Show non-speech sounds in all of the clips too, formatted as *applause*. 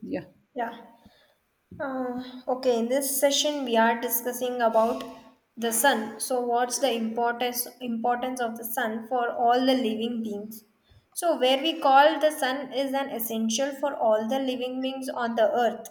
Yeah. Yeah. Okay, in this session we are discussing about the sun. So what's the importance of the sun for all the living beings? So where we call the sun is an essential for all the living beings on the earth,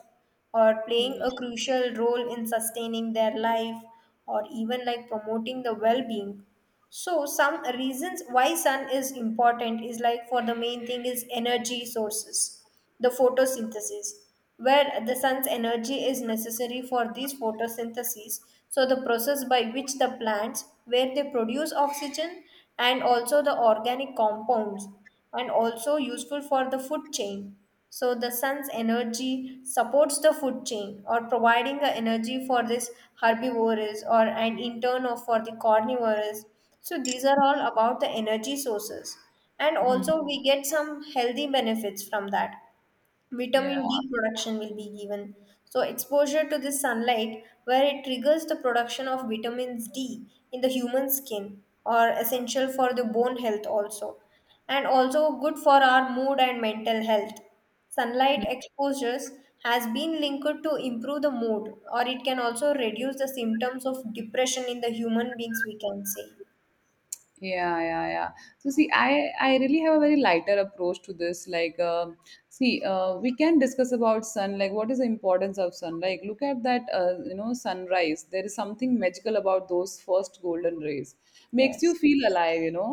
or playing Mhm. a crucial role in sustaining their life, or even like promoting the well-being. So some reasons why sun is important is, like, for the main thing is energy sources, the photosynthesis, where the sun's energy is necessary for these photosynthesis. So the process by which the plants where they produce oxygen and also the organic compounds, and also useful for the food chain. So the sun's energy supports the food chain, or providing the energy for this herbivores or an intern or for the carnivores. So these are all about the energy sources. And Mhm. also we get some healthy benefits from that. Yeah, Vitamin D production will be given. So, exposure to the sunlight, where it triggers the production of vitamins D in the human skin, are essential for the bone health also, and also good for our mood and mental health. Sunlight exposures has been linked to improve the mood, or it can also reduce the symptoms of depression in the human beings. We can say. yeah, yeah, yeah. So see, I really have a very lighter approach to this. Like, see, we can discuss about sun. Like, what is the importance of sun? Like, look at that. Sunrise. There is something magical about those first golden rays. Makes you Yes, feel alive. You know,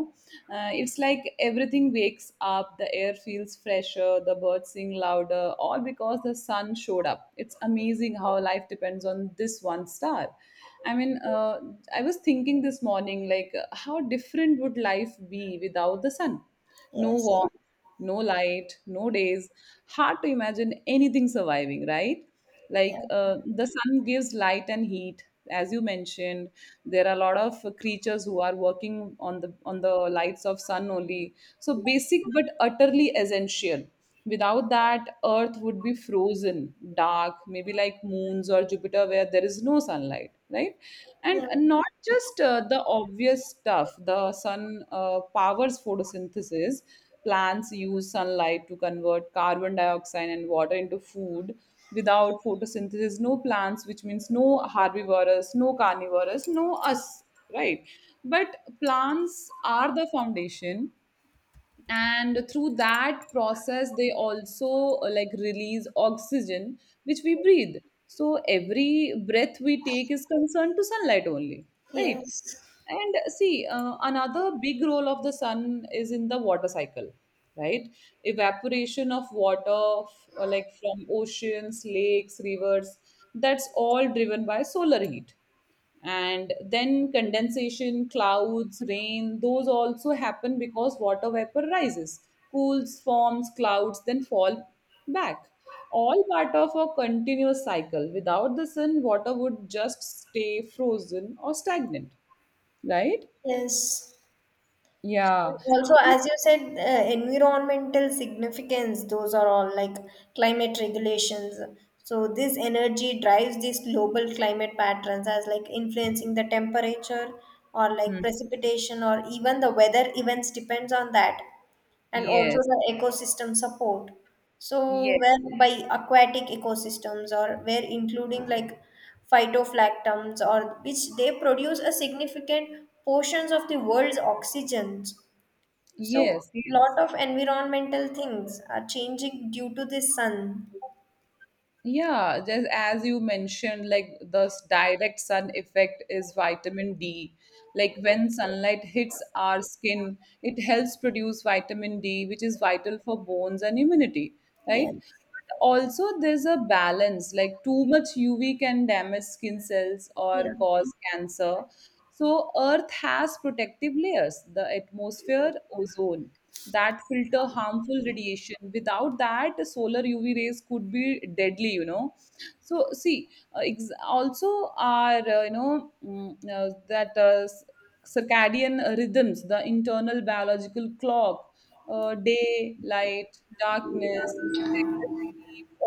Uh, it's like everything wakes up, the air feels fresher, the birds sing louder, all because the sun showed up. It's amazing how life depends on this one star. I mean, I was thinking this morning, like, how different would life be without the sun? No yes, warmth, no light, no days. Hard to imagine anything surviving, right? Like yeah, the sun gives light and heat, as you mentioned. There are a lot of creatures who are working on the lights of sun only. So basic but utterly essential. Without that, Earth would be frozen, dark, maybe like moons or Jupiter, where there is no sunlight, right? yeah, And not just the obvious stuff, the sun powers photosynthesis. Plants use sunlight to convert carbon dioxide and water into food. Without photosynthesis, no plants, which means no herbivorous, no carnivorous, no us, right? But plants are the foundation, and through that process they also like release oxygen, which we breathe. So every breath we take is concerned to sunlight only, right. yes, And see another big role of the sun is in the water cycle, right. Evaporation of water or like from oceans, lakes, rivers, that's all driven by solar heat. And then condensation, clouds, rain, those also happen because water vapor rises, cools, forms clouds, then fall back. All part of a continuous cycle. Without the sun, water would just stay frozen or stagnant, right. yes. Yeah. Also, as you said, environmental significance, those are all like climate regulations. So this energy drives these global climate patterns, as like influencing the temperature or Hmm. like precipitation or even the weather events depends on that, and also Yes, the ecosystem support. So where yes, by aquatic ecosystems, or where including like phytoplankton or which they produce a significant portions of the world's oxygen. So yes. lot of environmental things are changing due to the sun. Yeah, just as you mentioned, like the direct sun effect is vitamin D. Like when sunlight hits our skin, it helps produce vitamin D, which is vital for bones and immunity, right? Yes. But also, there's a balance. Like too much UV can damage skin cells or Yeah. cause cancer. So Earth has protective layers, the atmosphere, ozone that filter harmful radiation. Without that, solar UV rays could be deadly. So see, also our circadian rhythms, the internal biological clock, day light, darkness, sleep,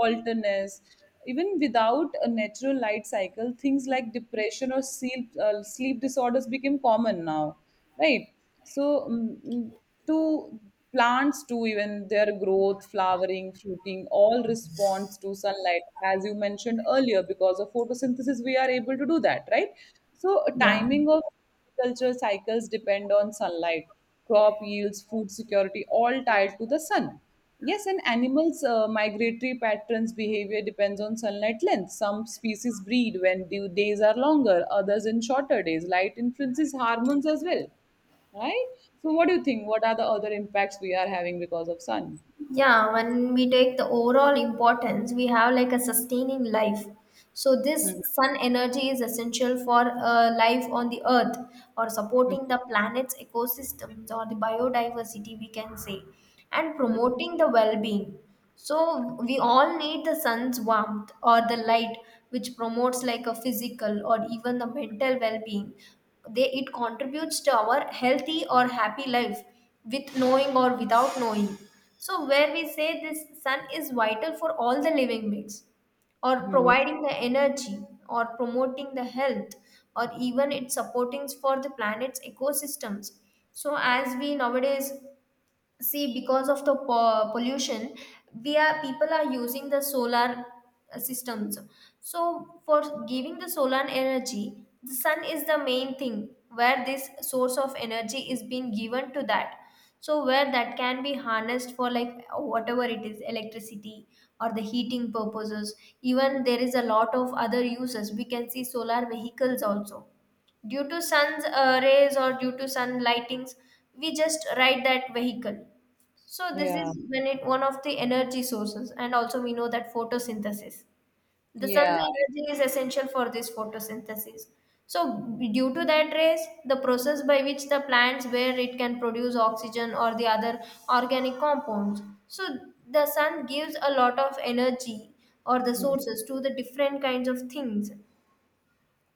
alterness. Even without a natural light cycle, things like depression or sleep disorders became common now, right. So to plants too, even their growth, flowering, fruiting, all responds to sunlight, as you mentioned earlier, because of photosynthesis we are able to do that, right. So Yeah. timing of agriculture cycles depend on sunlight. Crop yields, food security, all tied to the sun. Yes, and animals' migratory patterns behavior depends on sunlight length. Some species breed when due days are longer, others in shorter days. Light influences hormones as well, right? So, what do you think? What are the other impacts we are having because of sun? Yeah, when we take the overall importance, we have like a sustaining life. So Mhm. this sun energy is essential for life on the earth, or supporting the planet's ecosystems or the biodiversity we can say, and promoting the well-being. So we all need the sun's warmth or the light, which promotes like a physical or even the mental well-being. They it contributes to our healthy or happy life, with knowing or without knowing. So where we say this sun is vital for all the living beings, or Mhm. providing the energy, or promoting the health, or even its supportings for the planet's ecosystems. So as we nowadays see, because of the pollution, we are people are using the solar systems. So for giving the solar energy, the sun is the main thing, where this source of energy is being given to that. So where that can be harnessed for, like, whatever it is, electricity or the heating purposes. Even there is a lot of other uses we can see, solar vehicles also. Due to sun's rays, or due to sun lightings, we just ride that vehicle. So this is Yeah, when it one of the energy sources, and also we know that photosynthesis. The sun's yeah. energy is essential for this photosynthesis. So due to that rays, the process by which the plants where it can produce oxygen or the other organic compounds. So the sun gives a lot of energy, or the Mm-hmm. sources, to the different kinds of things.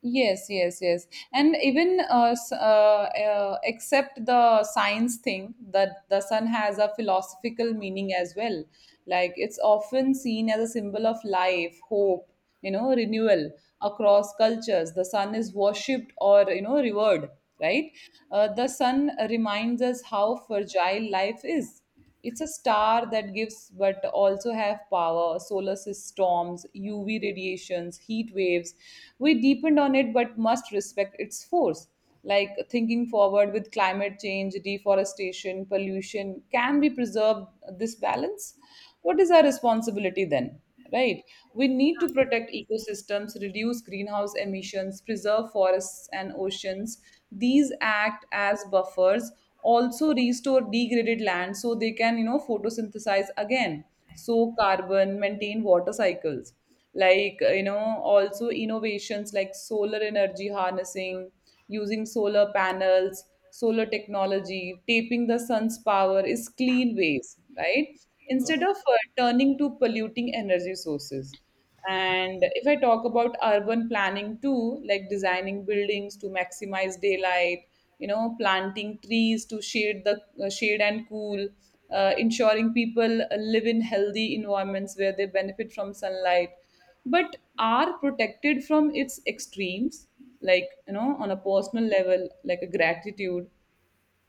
Yes, yes, yes. And even except the science thing, that the sun has a philosophical meaning as well. Like it's often seen as a symbol of life, hope, renewal across cultures. The sun is worshipped or, revered, right? The sun reminds us how fragile life is. It's a star that gives but also have power, solar storms, UV radiations, heat waves. We depend on it but must respect its force. Like thinking forward with climate change, deforestation, pollution, can we preserve this balance? What is our responsibility then? Right? We need to protect ecosystems, reduce greenhouse emissions, preserve forests and oceans. These act as buffers, also restore degraded land so they can, photosynthesize again, soak carbon, maintain water cycles. Like, also innovations like solar energy harnessing. Using solar panels, solar technology, tapping the sun's power is clean ways, right? Instead of turning to polluting energy sources. And if I talk about urban planning too, like designing buildings to maximize daylight, planting trees to shade the shade and cool, ensuring people live in healthy environments where they benefit from sunlight but are protected from its extremes. Like, on a personal level, like a gratitude.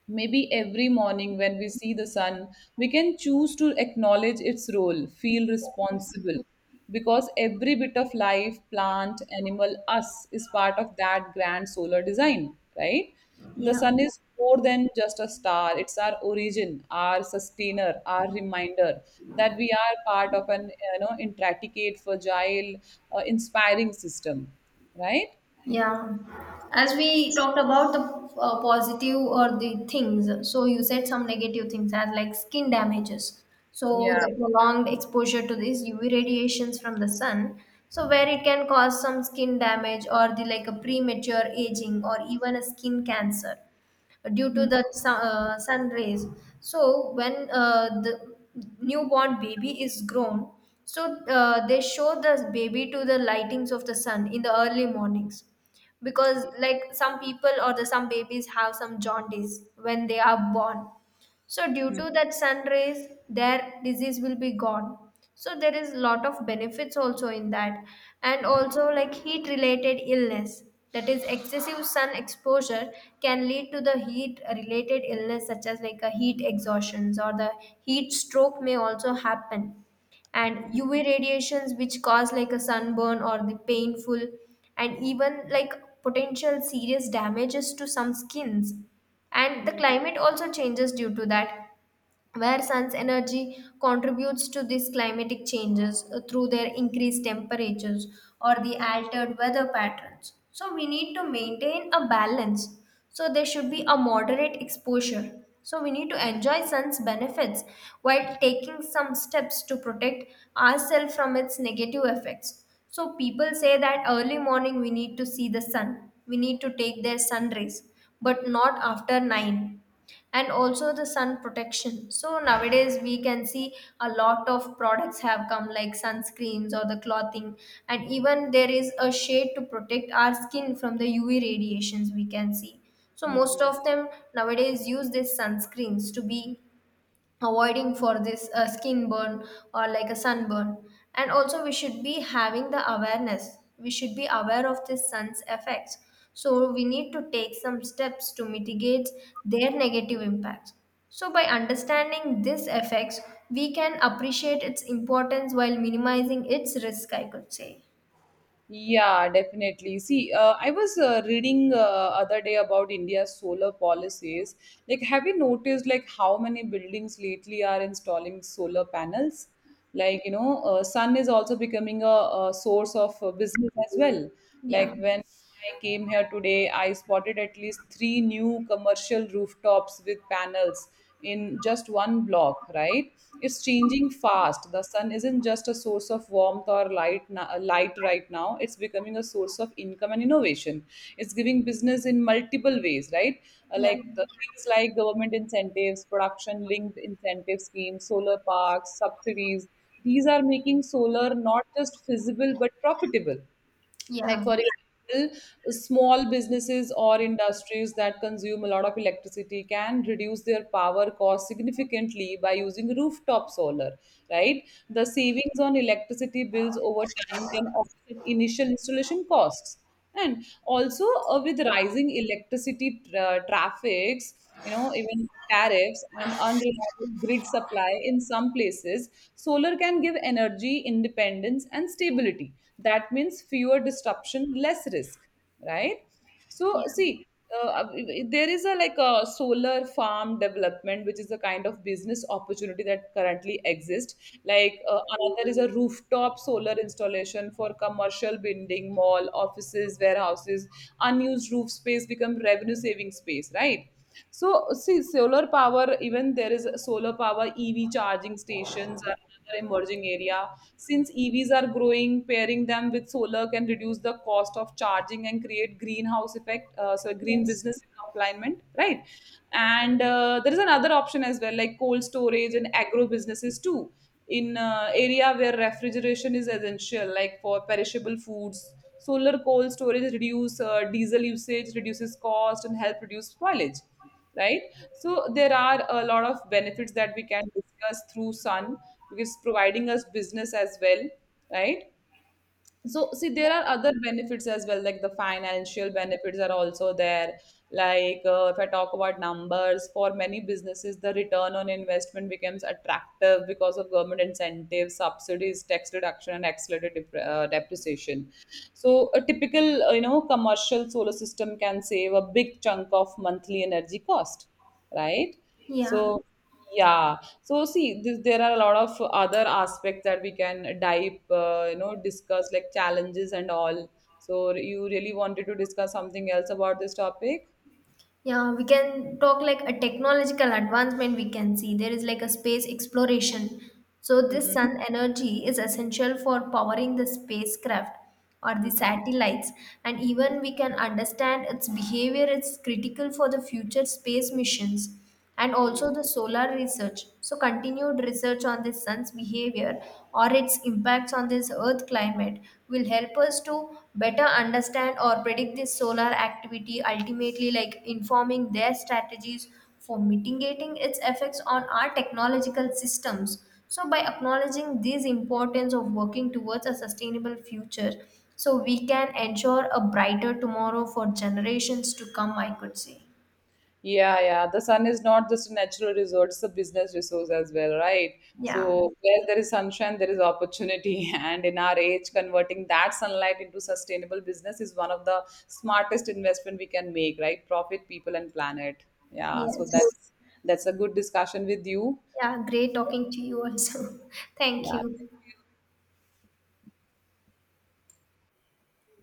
Maybe every morning when we see the sun, we can choose to acknowledge its role, feel responsible, because every bit of life, plant, animal, us is part of that grand solar design, right? The Yeah. sun is more than just a star, it's our origin, our sustainer, our reminder that we are part of an, intricate, fragile, inspiring system, right? Yeah, as we Yes. talked about the positive or the things, so you said some negative things as like skin damages. So Yeah. the prolonged exposure to these UV radiations from the sun, so where it can cause some skin damage or the like a premature aging or even a skin cancer due to Hmm, the sun rays. So when the newborn baby is grown, so they show the baby to the lightings of the sun in the early mornings, because like some people or the some babies have some jaundice when they are born, so due to that sun rays, their disease will be gone. So there is lot of benefits also in that, and also like heat related illness. That is, excessive sun exposure can lead to the heat related illness such as like a heat exhaustions, or the heat stroke may also happen, and UV radiations which cause like a sunburn or the painful, and even like potential serious damages to some skins. And the hmm, climate also changes due to that, where sun's energy contributes to these climatic changes through their increased temperatures or the altered weather patterns. So we need to maintain a balance. So there should be a moderate exposure, so we need to enjoy sun's benefits while taking some steps to protect ourselves from its negative effects. So people say that early morning we need to see the sun, we need to take their sun rays, but not after 9. And also the sun protection. So nowadays we can see a lot of products have come, like sunscreens or the clothing, and even there is a shade to protect our skin from the UV radiations we can see. So hmm, most hmm. of them nowadays use these sunscreens to be avoiding for this skin burn or like a sunburn. And also we should be having the awareness, we should be aware of this sun's effects. So we need to take some steps to mitigate their negative impacts. So by understanding these effects, we can appreciate its importance while minimizing its risk, I could say. Yeah, definitely. See, I was reading other day about India's solar policies. Like, have you noticed like how many buildings lately are installing solar panels? Like, sun is also becoming a source of business as well. Yeah, Like when I came here today, I spotted at least three new commercial rooftops with panels in just one block, right. It's changing fast. The sun isn't just a source of warmth or light right now. It's becoming a source of income and innovation. It's giving business in multiple ways, right. Yeah, Like the things like government incentives, production linked incentive schemes, solar parks, subsidies, these are making solar not just feasible but profitable. Like, yeah, for example, small businesses or industries that consume a lot of electricity can reduce their power cost significantly by using rooftop solar, right? The savings on electricity bills over time can offset initial installation costs. And also with rising electricity traffics, even tariffs and unreliable grid supply in some places, solar can give energy independence and stability. That means fewer disruption, less risk, right? So yeah, see, uh, uh, there is a like a solar farm development, which is a kind of business opportunity that currently exists. Like another is a rooftop solar installation for commercial building, mall, offices, warehouses. Unused roof space become revenue saving space, right? So, see, solar power, even there is solar power, EV charging stations are another emerging area. Since EVs are growing, pairing them with solar can reduce the cost of charging and create greenhouse effect, so green yes, business alignment, right? And there is another option as well, like cold storage and agro businesses too, in area where refrigeration is essential, like for perishable foods. Solar coal storage reduce diesel usage, reduces cost, and help reduce spoilage. Right. So there are a lot of benefits that we can discuss through sun, because providing us business as well. Right. So, see, there are other benefits as well, like the financial benefits are also there. Like, if I talk about numbers, for many businesses, the return on investment becomes attractive because of government incentives, subsidies, tax reduction, and accelerated depreciation. So, a typical, commercial solar system can save a big chunk of monthly energy cost, right? yeah. So, yeah, so see this, there are a lot of other aspects that we can dive discuss, like challenges and all. So you really wanted to discuss something else about this topic? Yeah, we can talk like a technological advancement we can see. There is like a space exploration. So this Mm-hmm. sun energy is essential for powering the spacecraft or the Mm-hmm. satellites, and even we can understand its behavior, it's critical for the future space missions, and Mm-hmm. also the solar research. So, continued research on the sun's behavior or its impacts on this earth climate will help us to better understand or predict this solar activity, ultimately, like informing their strategies for mitigating its effects on our technological systems. So, by acknowledging this importance of working towards a sustainable future, so we can ensure a brighter tomorrow for generations to come, I could say. Yeah, yeah. The sun is not just a natural resource, it's a business resource as well, right? Yeah. So where there is sunshine, there is opportunity. *laughs* And in our age, converting that sunlight into sustainable business is one of the smartest investment we can make, right? Profit, people, and planet. Yeah. So Yes. that's a good discussion with you. Yeah, great talking to you also. *laughs* Thank Yeah. you.